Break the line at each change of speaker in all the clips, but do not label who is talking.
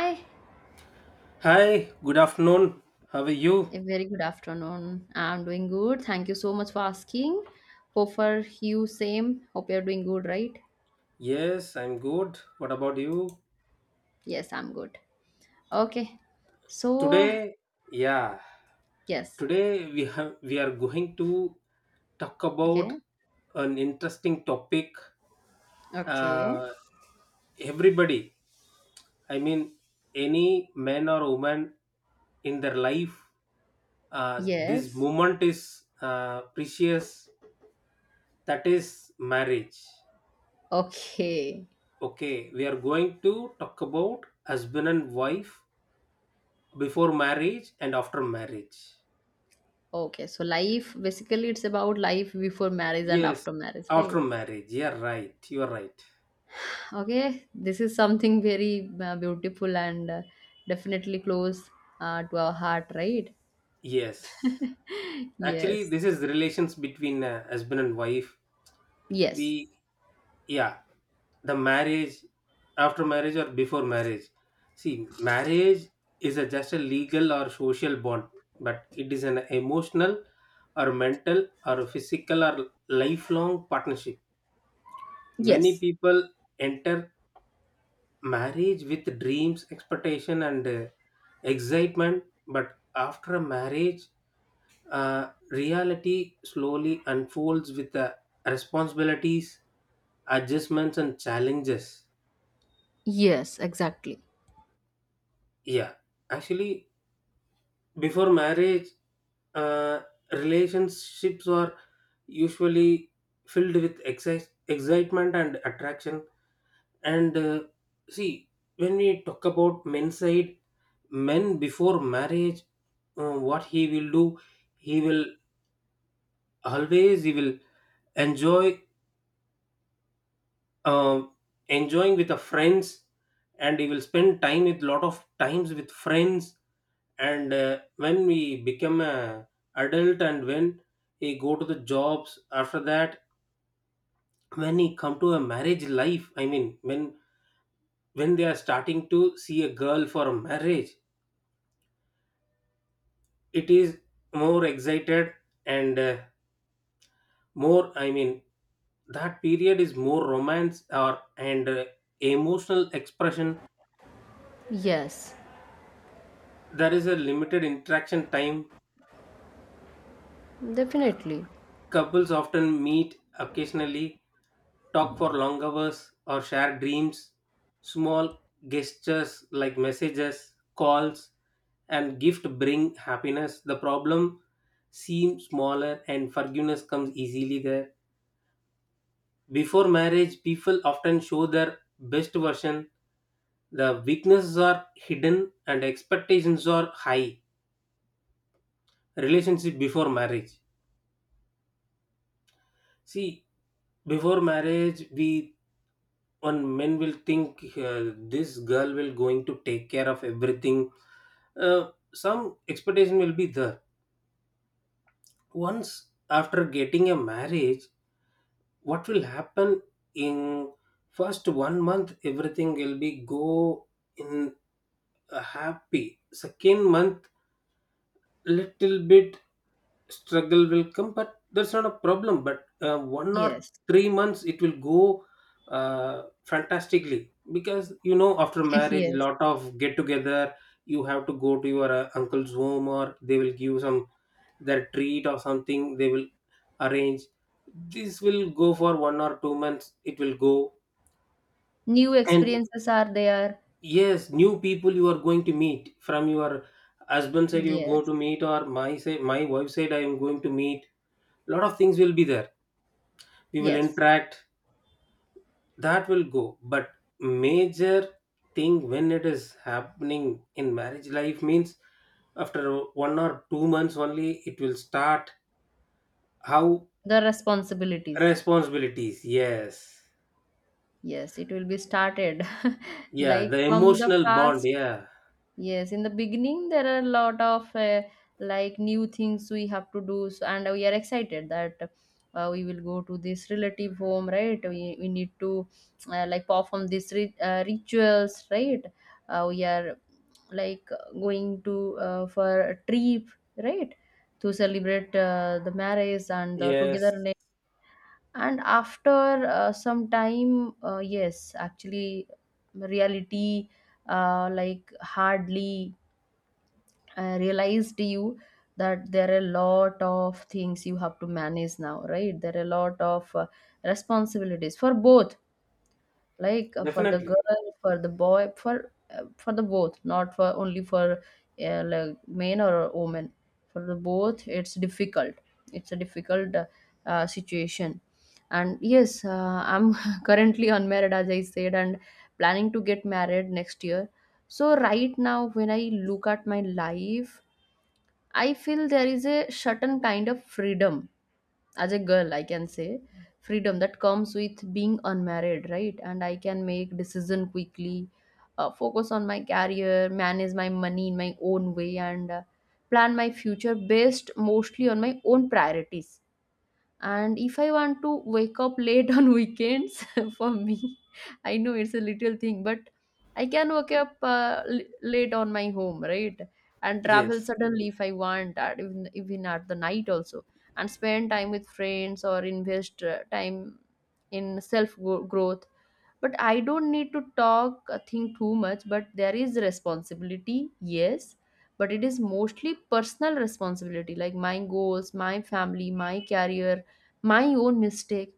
Hi,
Hi, good afternoon. How are you?
a very good afternoon. I'm doing good. Thank you so much for asking. Hope for you same. Hope you're doing good, right?
Yes, I'm good. What about you?
Yes, I'm good. Okay. So,
Today, yeah,
yes.
today we are going to talk about
Okay.
an interesting topic.
Okay.
Uh, Everybody, I mean, any man or woman in their life, this
Yes.
moment is precious. That is marriage.
Okay.
Okay, we are going to talk about husband and wife before marriage and after marriage.
Okay. So life basically it's about life before marriage and
Yes,
after marriage, right?
after marriage, yeah, right, you're right.
Okay. This is something very beautiful and definitely close to our heart, right?
Yes, actually
Yes.
this is relations between husband and wife.
Yes.
We yeah The marriage, after marriage or before marriage, see, marriage is a, just a legal or social bond, but it is an emotional or mental or physical or lifelong partnership. Many
Yes.
people enter Marriage with dreams, expectation, and excitement, but after a marriage, reality slowly unfolds with the responsibilities, adjustments, and challenges.
Yes, exactly.
Yeah, actually, before marriage, uh, relationships are usually filled with excitement and attraction. And see, when we talk about men's side, men before marriage, what he will do, he will always he will enjoy, uh, enjoying with the friends, and he will spend time with lot of times with friends. And when we become a adult, and when he go to the jobs after that, when he come to a marriage life, I mean when they are starting to see a girl for a marriage, it is more excited and more I mean that period is more romance or and emotional expression.
Yes,
There is a limited interaction time.
definitely.
Couples often meet occasionally, talk for long hours or share dreams. Small gestures like messages, calls and gift bring happiness. The problem seems smaller and forgiveness comes easily there. Before marriage, people often show their best version. The weaknesses are hidden and expectations are high. Relationship before marriage. See, before marriage, we, one men will think this girl will going to take care of everything. Some expectation will be there. Once after getting a marriage, what will happen in first 1 month? Everything will be go in happy. Second month little bit struggle will come but that's not a problem, but one or
Yes.
three months it will go fantastically, because you know after marriage
Yes.
lot of get together, you have to go to your uncle's home, or they will give some their treat or something they will arrange. This will go for 1 or 2 months, it will go.
New
And
experiences are there.
yes, new people you are going to meet, from your husband side you go
Yes,
to meet, or my side, my wife side I am going to meet. Lot of things will be there, we will
yes.
interact, that will go. But major thing when it is happening in marriage life means after 1 or 2 months only it will start, how.
The responsibilities.
Responsibilities, yes.
Yes, it will be started
Yeah,
like
the
from the
emotional bond,
past.
yeah.
Yes, in the beginning there are a lot of like new things we have to do, so, and we are excited that we will go to this relative home, right? We need to like perform these rituals, right? We are like going to for a trip, right? To celebrate the marriage and the
Yes,
togetherness. And after some time, yes, actually, reality like hardly I realized you that there are a lot of things you have to manage now, right? There are a lot of responsibilities for both, like for the
definitely.
girl, for the boy, for the both, not for only for like men or women. For the both, it's difficult. It's a difficult situation. And yes, I'm currently unmarried, as I said, and planning to get married next year. So right now, when I look at my life, I feel there is a certain kind of freedom. As a girl, I can say, freedom that comes with being unmarried, right? And I can make decision quickly, focus on my career, manage my money in my own way, and plan my future based mostly on my own priorities. And if I want to wake up late on weekends, for me, I know it's a little thing, but I can wake up late on my home, right? And travel
Yes,
suddenly if I want at, even, even at the night also, and spend time with friends or invest time in self growth. But I don't need to talk a thing too much, but there is responsibility. Yes, but it is mostly personal responsibility, like my goals, my family, my career, my own mistake.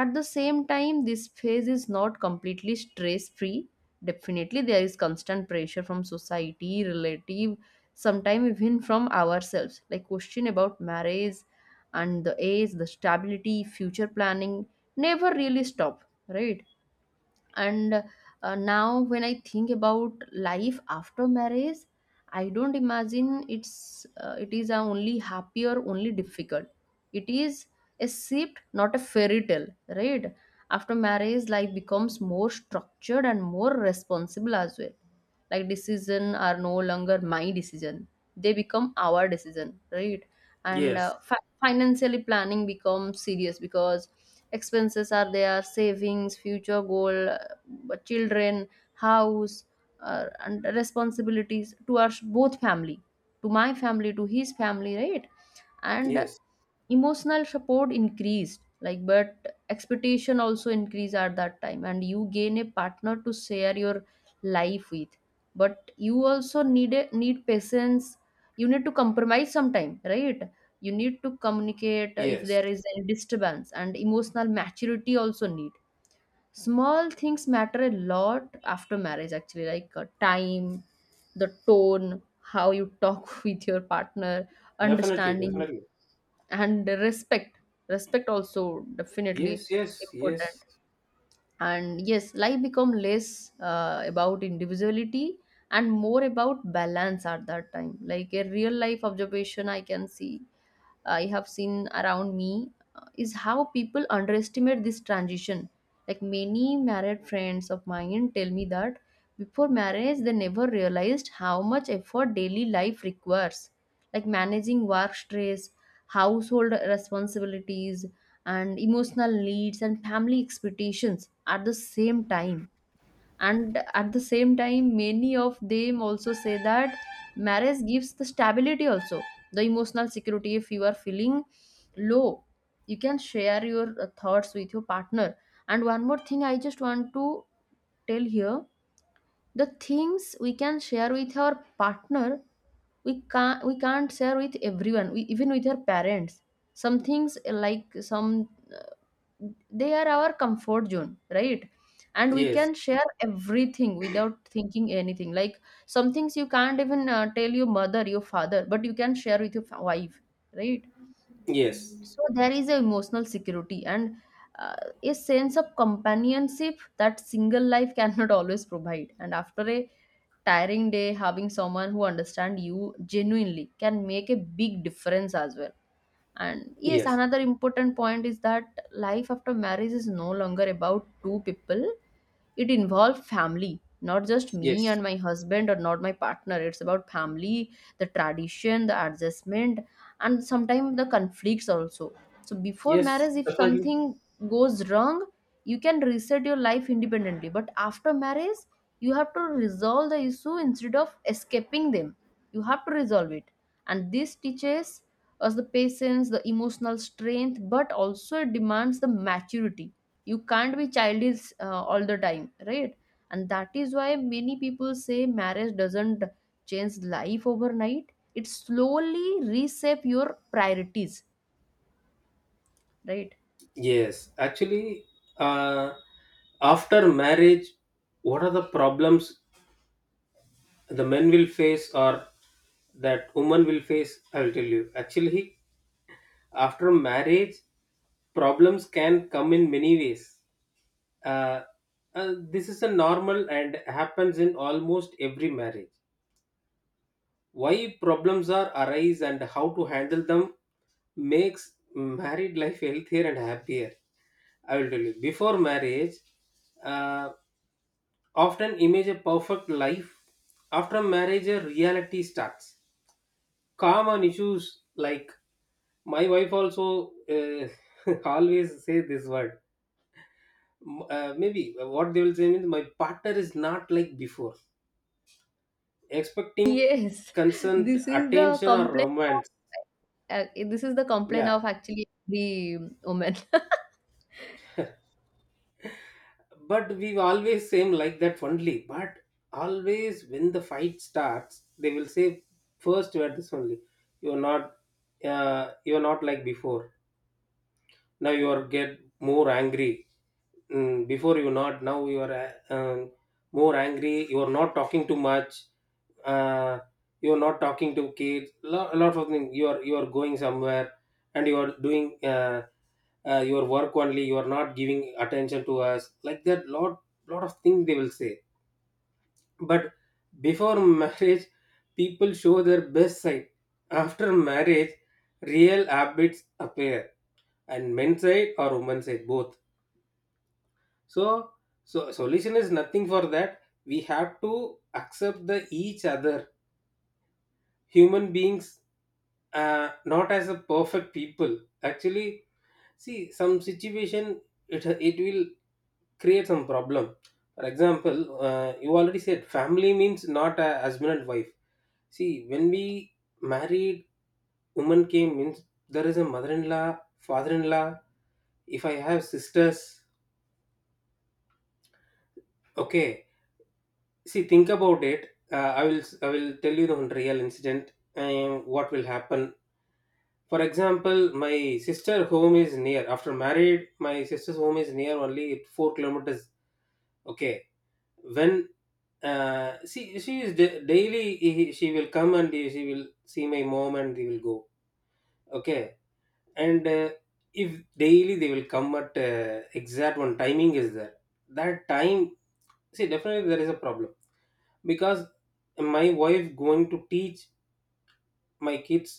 At the same time, this phase is not completely stress free. Definitely there is constant pressure from society, relative, sometimes even from ourselves, like question about marriage and the age, the stability, future planning, never really stop, right? And now when I think about life after marriage, I don't imagine it is a only happy or only difficult. It is a shift, not a fairy tale, right? After marriage life becomes more structured and more responsible as well. Like decision are no longer my decision, they become our decision, right? And
yes,
financially planning becomes serious because expenses are there, savings, future goal, children, house, and responsibilities to our both family, to my family, to his family, right? And
yes,
emotional support increased, like, but expectation also increased at that time, and you gain a partner to share your life with, but you also need a, need patience. You need to compromise sometime, right? You need to communicate if
yes.
there is any disturbance, and emotional maturity also need. Small things matter a lot after marriage, actually, like time, the tone how you talk with your partner,
Definitely,
understanding,
definitely.
and respect. Respect also definitely
Yes, yes, yes,
important. And yes, life become less about individuality and more about balance at that time. Like a real life observation I can see, I have seen around me, is how people underestimate this transition. Like many married friends of mine tell me that before marriage they never realized how much effort daily life requires, like managing work stress, household responsibilities, and emotional needs and family expectations at the same time. And at the same time many of them also say that marriage gives the stability also, the emotional security. If you are feeling low, you can share your thoughts with your partner. And one more thing I just want to tell here, the things we can share with our partner, we can't share with everyone, we, even with our parents. Some things like some, they are our comfort zone, right? And we
yes,
can share everything without thinking anything. Like some things you can't even tell your mother your father, but you can share with your wife, right?
yes,
So there is a emotional security and uh, a sense of companionship that single life cannot always provide. And after a tiring day, having someone who understand you genuinely can make a big difference as well. And yes,
yes,
another important point is that life after marriage is no longer about two people. It involves family, not just me
yes,
and my husband or not my partner. It's about family, the tradition, the adjustment, and sometimes the conflicts also. So before
yes,
marriage, if
definitely.
something goes wrong, you can reset your life independently. But after marriage, you have to resolve the issue instead of escaping them, you have to resolve it. And this teaches us the patience, the emotional strength, but also it demands the maturity. You can't be childish all the time, right? And that is why many people say marriage doesn't change life overnight, it slowly reshape your priorities, right?
Yes, actually, uh, after marriage, what are the problems the men will face or that woman will face? I will tell you. Actually, after marriage, problems can come in many ways. Uh, this is a normal and happens in almost every marriage. Why problems are arise and how to handle them makes married life healthier and happier. I will tell you, before marriage, uh, often image a perfect life. After marriage a reality starts. Common issues like, my wife also always say this word. Maybe what they will say means, my partner is not like before, expecting
Yes,
consent,
this is the
attention or
complaint
romance.
of, this is the complaint
Yeah,
of actually the woman.
but we always seem like that only, but always when the fight starts they will say, first you are this only, you are not you are not like before, now you are get more angry. Before you not, now you are uh, um, more angry, you are not talking too much, uh, you are not talking to kids, a lot of things, you are going somewhere and you are doing your work only, you are not giving attention to us, like that, lot of things they will say. But before marriage people show their best side. After marriage real habits appear, and men's side or women's side both. So, so solution is nothing for that, we have to accept the each other human beings, not as a perfect people. Actually, see, some situation, it will create some problem. For example, you already said family means not a husband and wife. See, when we married, woman came means there is a mother-in-law, father-in-law. If I have sisters, okay. See, think about it. I will tell you the one real incident and what will happen. For example, my sister home is near. After married, my sister's home is near only 4 kilometers. Okay, when she is daily she will come and she will see my mom and they will go. Okay, and if daily they will come at exact one timing is there, that time, see, definitely there is a problem, because my wife going to teach my kids,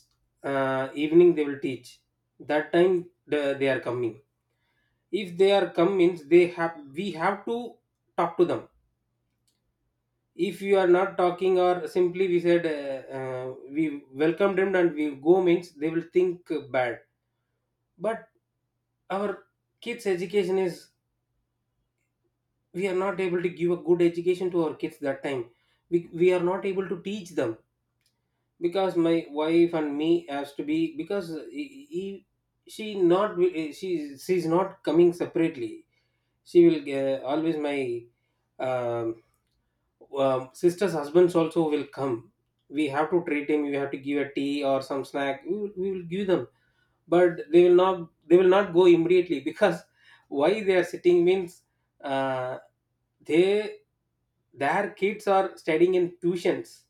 evening they will teach. That time they are coming. If they are come means they have, we have to talk to them. If you are not talking, or simply we said, we welcomed them and we go means they will think bad. But our kids education is, we are not able to give a good education to our kids that time, we are not able to teach them, because my wife and me has to be, because she not, she's not coming separately. She will always, my um, sister's husbands also will come. We have to treat him. We have to give a tea or some snack. We will give them, but they will not. They will not go immediately because why they are sitting means, uh, they, their kids are studying in tuitions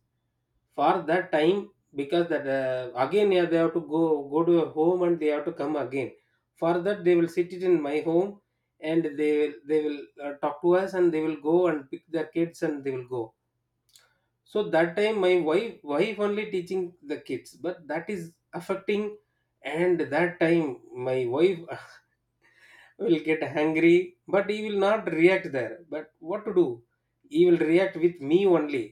for that time, because that again, yeah, they have to go to a home and they have to come again. For that they will sit it in my home, and they will talk to us and they will go and pick their kids and they will go. So that time my wife only teaching the kids, but that is affecting. And that time my wife will get angry, but he will not react there, but what to do, he will react with me only.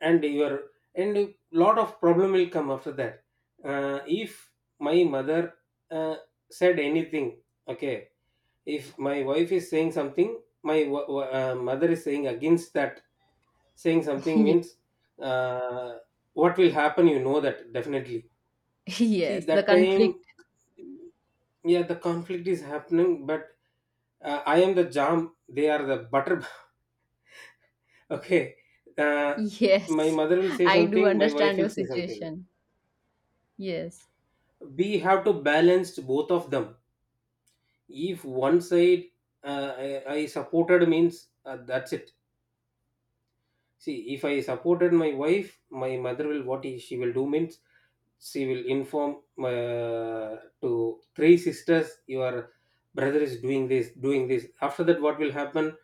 and your and a lot of problem will come after that. If my mother uh, said anything, okay, if my wife is saying something, my mother is saying against that, saying something
Ye-
means, uh, what will happen, you know that definitely. See,
Yes, the
that
conflict.
time, yeah, the conflict is happening, but I am the jam, they are the butter, okay. uh, my
Yes,
mother will say
I do
something, my wife
understand
will
your
say something,
situation. Yes,
we have to balance both of them. If one side uh, I, I supported means, that's it. See, if I supported my wife, my mother will, what she will do means, she will inform uh, to three sisters, your brother is doing this, doing this. After that what will happen,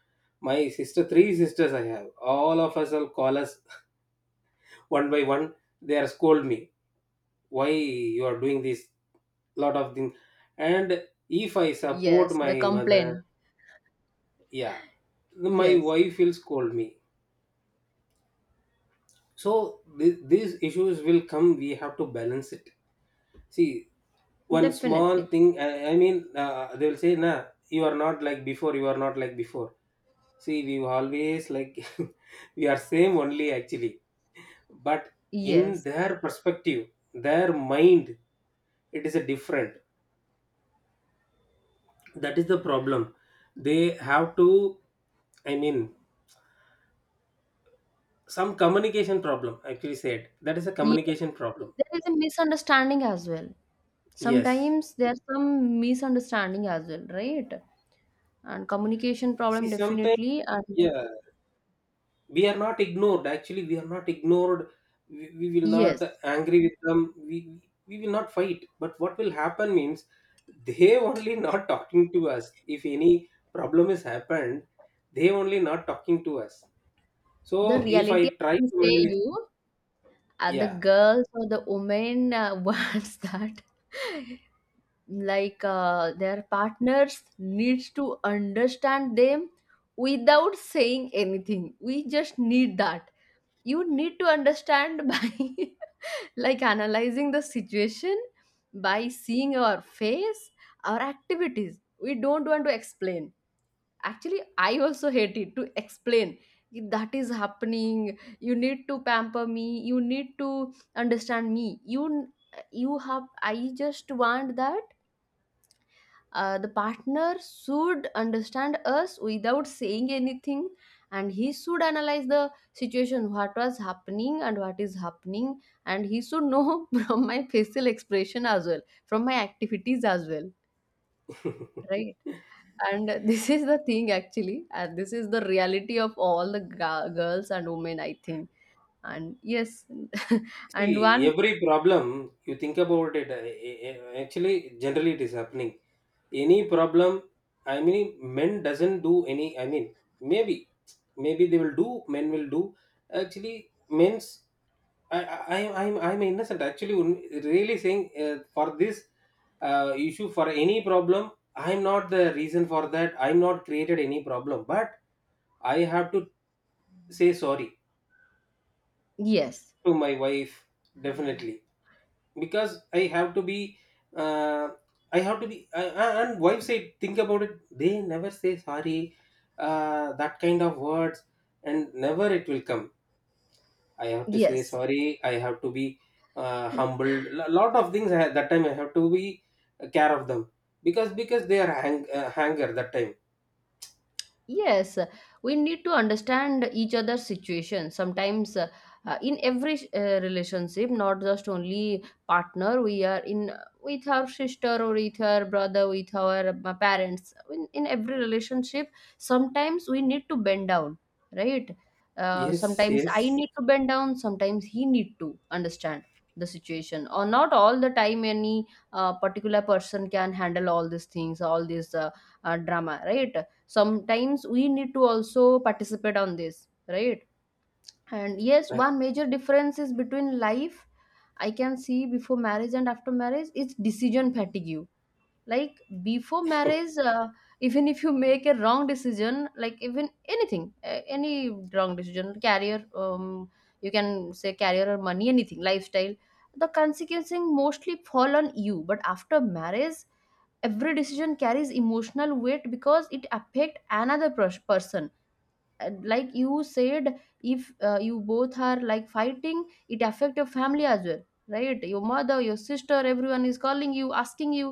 my sister, three sisters I have, all of us will call us one by one, they are scold me, why you are doing this, lot of things. And if I support
yes,
my
the complaint.
mother, yeah, my
Yes,
wife will scold me. So these issues will come, we have to balance it. See, one small
definitely.
thing, I mean, they will say, nah, you are not like before, you are not like before. See, we always like we are same only actually, but in
Yes,
their perspective, their mind it is a different, that is the problem. They have to, I mean, some communication problem, actually said, that is a
yes.
communication problem.
There is a misunderstanding as well.
Yes,
Sometimes there's some misunderstanding as well, right? And communication
see,
problem
sometimes,
definitely. And
yeah, we are not ignored, actually we are not ignored, we will not
yes,
angry with them, we will not fight, but what will happen means, they only not talking to us. If any problem has happened, they only not talking to us. So
the
if I
reality I
try
can
to
say
manage,
you, the
yeah
girls or the women wants that, like their partners needs to understand them without saying anything. We just need that you need to understand by like analyzing the situation, by seeing our face, our activities. We don't want to explain. Actually I also hate it to explain. That is happening, you need to pamper me, you need to understand me, you have, I just want that the partner should understand us without saying anything. And he should analyze the situation, what was happening and what is happening. And he should know from my facial expression as well, from my activities as well, right? And this is the thing actually, and this is the reality of all the girls and women I think. And yes, and
See,
one,
every problem, you think about it, actually, generally it is happening. Any problem, I mean, men doesn't do any, I mean, maybe maybe they will do men will do actually men's I I'm innocent actually really saying for this issue, for any problem. I'm not the reason for that. I'm not created any problem, but I have to say sorry
yes,
to my wife, definitely, because I have to be, uh, I have to be, and wife say think about it, they never say sorry, that kind of words, and never it will come. I have to say
yes.
sorry. I have to be humbled. A lot of things I had, that time I have to be care of them, because they are hang, hanger that time.
Yes, we need to understand each other's situation. Sometimes, in every relationship, not just only partner, we are in with our sister or with our brother, with our parents. In every relationship, sometimes we need to bend down, right?
Yes,
Sometimes I
yes,
need to bend down. Sometimes he need to understand the situation. Or not all the time, any particular person can handle all these things, all this drama, right? Sometimes we need to also participate on this, right? And yes, one major difference is between life, I can see, before marriage and after marriage is decision fatigue. Like before marriage even if you make a wrong decision, like even anything any wrong decision, career, you can say career or money anything lifestyle, the consequences mostly fall on you. But after marriage, every decision carries emotional weight because it affects another person. And like you said, if you both are like fighting, it affect your family as well, right? Your mother, your sister, everyone is calling you, asking you.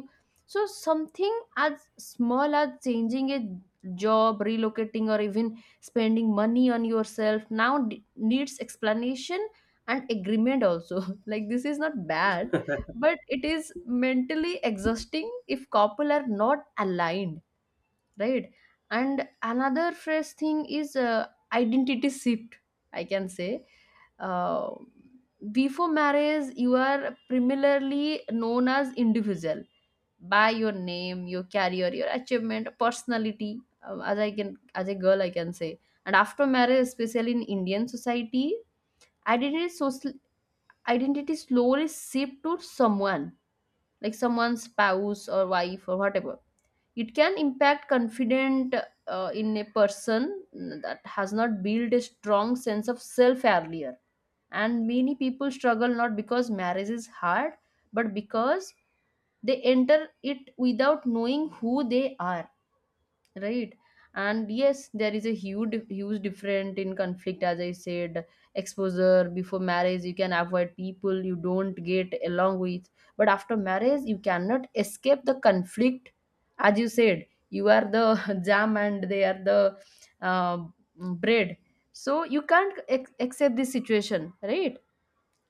So something as small as changing a job, relocating, or even spending money on yourself now needs explanation and agreement also. Like this is not bad, but it is mentally exhausting if couple are not aligned, right? And another fresh thing is identity shift, I can say. Uh, before marriage you are primarily known as individual, by your name, your career, your achievement, personality, as I can as a girl I can say. And after marriage, especially in Indian society, identity social identity slowly shift to someone, like someone's spouse or wife or whatever. It can impact confident in a person that has not built a strong sense of self earlier. And many people struggle not because marriage is hard, but because they enter it without knowing who they are, right? And yes, there is a huge huge difference in conflict. As I said, exposure, before marriage you can avoid people you don't get along with, but after marriage you cannot escape the conflict. As you said, you are the jam and they are the uh, bread. So you can't accept this situation, right?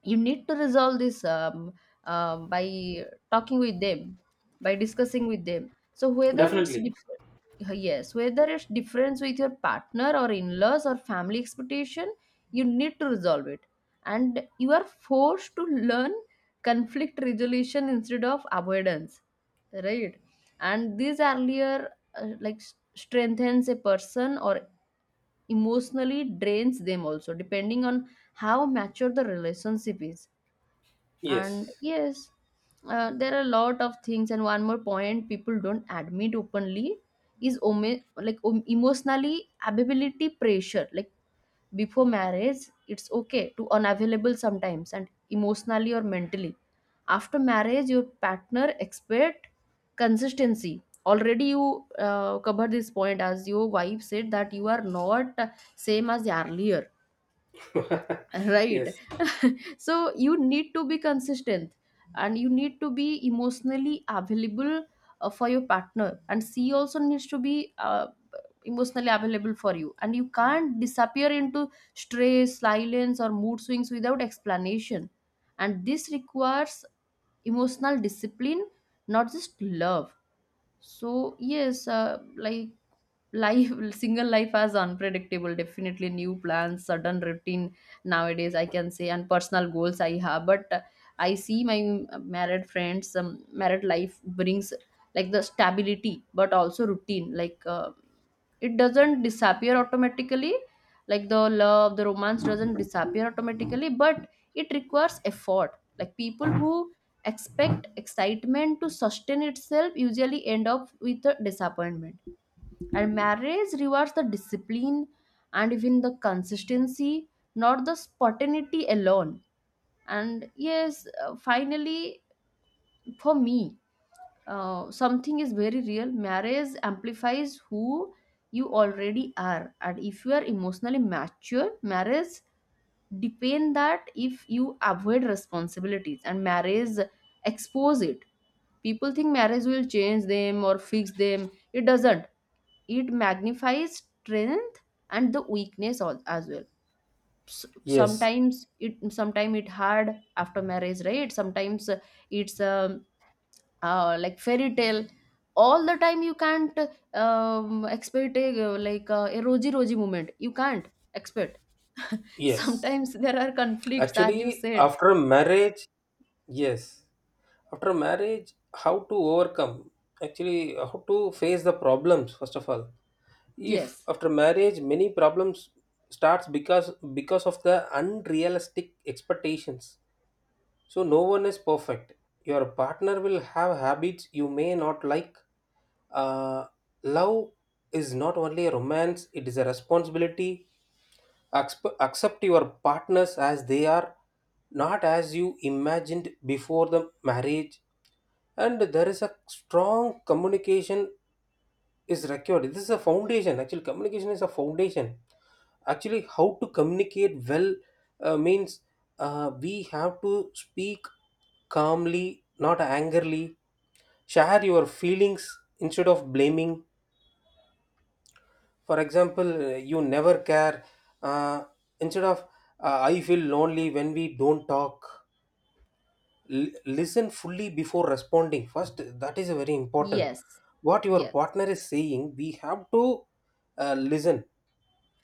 You need to resolve this by talking with them by discussing with them. So whether it's
definitely.
different, yes, whether it's difference with your partner or in-laws or family expectation, you need to resolve it. And you are forced to learn conflict resolution instead of avoidance, right? And these earlier like strengthens a person or emotionally drains them also, depending on how mature the relationship is. And
Yes,
yes, there are a lot of things, and one more point people don't admit openly is like emotionally availability pressure. Like before marriage it's okay to unavailable sometimes and emotionally or mentally. After marriage your partner expect consistency already. You covered this point as your wife said, that you are not same as earlier, right?
yes,
So you need to be consistent and you need to be emotionally available for your partner, and she also needs to be emotionally available for you, and you can't disappear into stress silence or mood swings without explanation. And this requires emotional discipline, not just love. So yes, like life single life as unpredictable, definitely, new plans, sudden routine nowadays I can say, and personal goals I have. But I see my married friends, married life brings like the stability but also routine. Like it doesn't disappear automatically, like the love, the romance doesn't disappear automatically, but it requires effort. Like people who expect excitement to sustain itself usually end up with a disappointment, and marriage rewards the discipline and even the consistency, not the spontaneity alone. And yes, finally, for me, something is very real. Marriage amplifies who you already are. And if you are emotionally mature, marriage depend that. If you avoid responsibilities and marriage expose it. People think marriage will change them or fix them. It doesn't, it magnifies strength and the weakness as well.
yes,
Sometimes it, sometimes it hard after marriage, right? Sometimes it's like fairy tale all the time. You can't expect a like a rosy moment. You can't expect.
yes.
Sometimes there are conflicts, as you
Actually,
said.
after marriage, yes. After marriage, how to overcome? Actually, how to face the problems? First of all, if
Yes.
after marriage many problems starts because of the unrealistic expectations. So no one is perfect. Your partner will have habits you may not like. uh, Love is not only a romance, it is a responsibility. Accept your partners as they are, not as you imagined before the marriage. And there is a strong communication is required. This is a foundation. Actually, communication is a foundation. Actually, how to communicate well? Means We have to speak calmly, not angrily. Share your feelings instead of blaming. For example, you never care. Uh, instead of I feel lonely when we don't talk. Listen fully before responding. First, that is very important.
Yes.
What your
Yes,
partner is saying, we have to listen.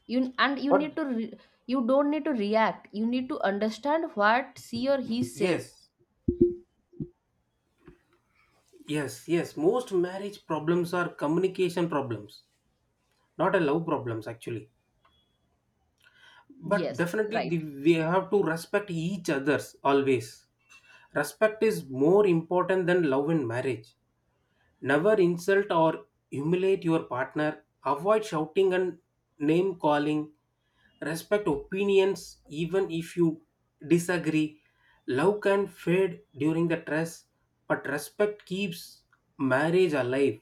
you and you need
What?
to you don't need to react, you need to understand what she or he said.
Yes, yes, yes. Most marriage problems are communication problems, not a love problems actually. But
Yes.
definitely, the,
Right.
we have to respect each others always. Respect is more important than love in marriage. Never insult or humiliate your partner. Avoid shouting and name calling. Respect opinions even if you disagree. Love can fade during the stress, but respect keeps marriage alive.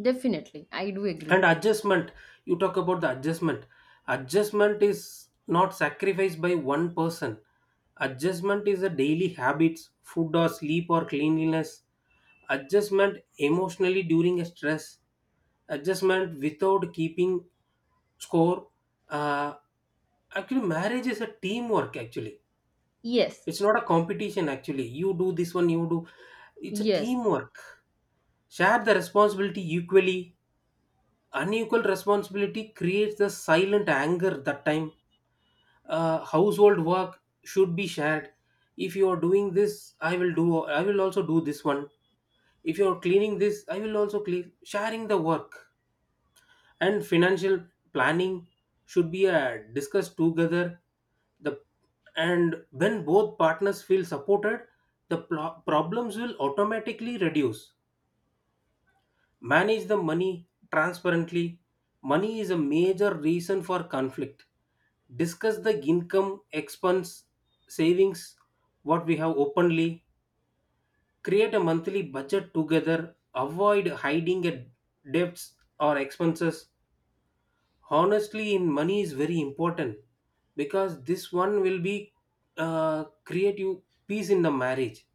Definitely, I do
And
agree.
adjustment, you talk about the adjustment. Adjustment is not sacrificed by one person. Adjustment is a daily habits: food or sleep or cleanliness. Adjustment emotionally during a stress. Adjustment without keeping score. uh, Actually marriage is a teamwork actually,
Yes,
it's not a competition actually. You do this one, you do, it's a
yes,
teamwork. Share the responsibility equally. Unequal responsibility creates the silent anger that time. Household work should be shared. If you are doing this, I will do, I will also do this one. If you are cleaning this, I will also clean, sharing the work. And financial planning should be discussed together. The, and when both partners feel supported, the problems will automatically reduce. Manage the money transparently. Money is a major reason for conflict. Discuss the income, expense, savings, what we have, openly. Create a monthly budget together. Avoid hiding at debts or expenses. Honestly, in money is very important because this one will be create you peace in the marriage.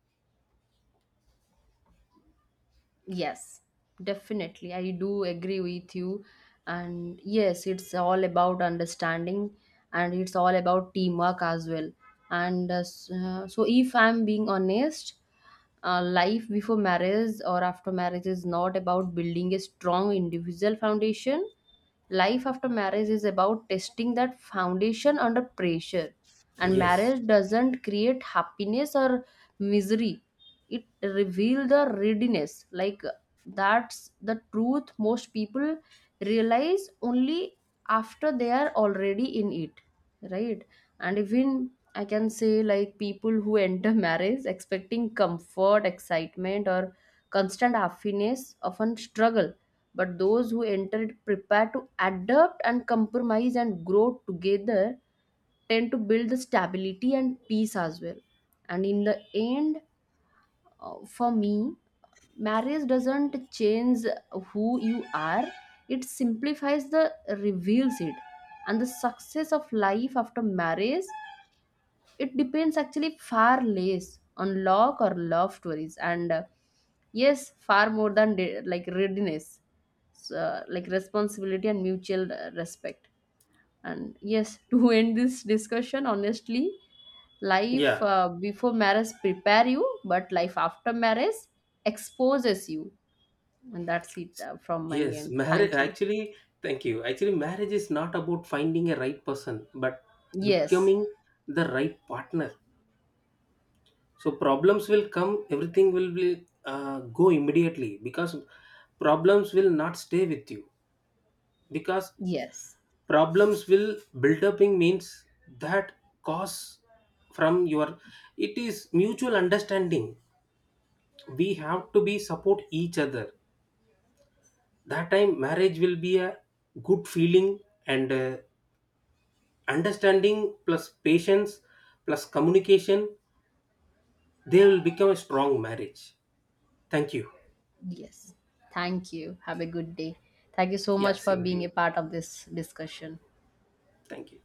yes. Definitely, I do agree with you. And yes, it's all about understanding, and it's all about teamwork as well. And so, if I'm being honest, life before marriage or after marriage is not about building a strong individual foundation. Life after marriage is about testing that foundation under pressure. And
Yes.
marriage doesn't create happiness or misery. It reveals the readiness. Like that's the truth most people realize only after they are already in it, right? And even I can say like people who enter marriage expecting comfort, excitement, or constant happiness often struggle, but those who enter it prepared to adapt and compromise and grow together tend to build the stability and peace as well. And in the end, for me, marriage doesn't change who you are, it simplifies the, reveals it. And the success of life after marriage, it depends actually far less on luck or love stories and yes, far more than like readiness. So, like responsibility and mutual respect. And yes, to end this discussion honestly, life
Yeah.
before marriage prepare you but life after marriage exposes you. And that's it, from my
Yes,
end,
marriage
thank you.
actually, thank you. Actually, marriage is not about finding a right person, but
Yes.
becoming the right partner. So problems will come, everything will be, go immediately because problems will not stay with you. Because
Yes.
problems will build up in means that cause from your, it is mutual understanding. We have to be support each other. That time marriage will be a good feeling, and understanding plus patience plus communication, they will become a strong marriage. Thank you.
Yes. Thank you. Have a good day. Thank you so
Yeah,
much for
same to
being
you.
a part of this discussion.
Thank you.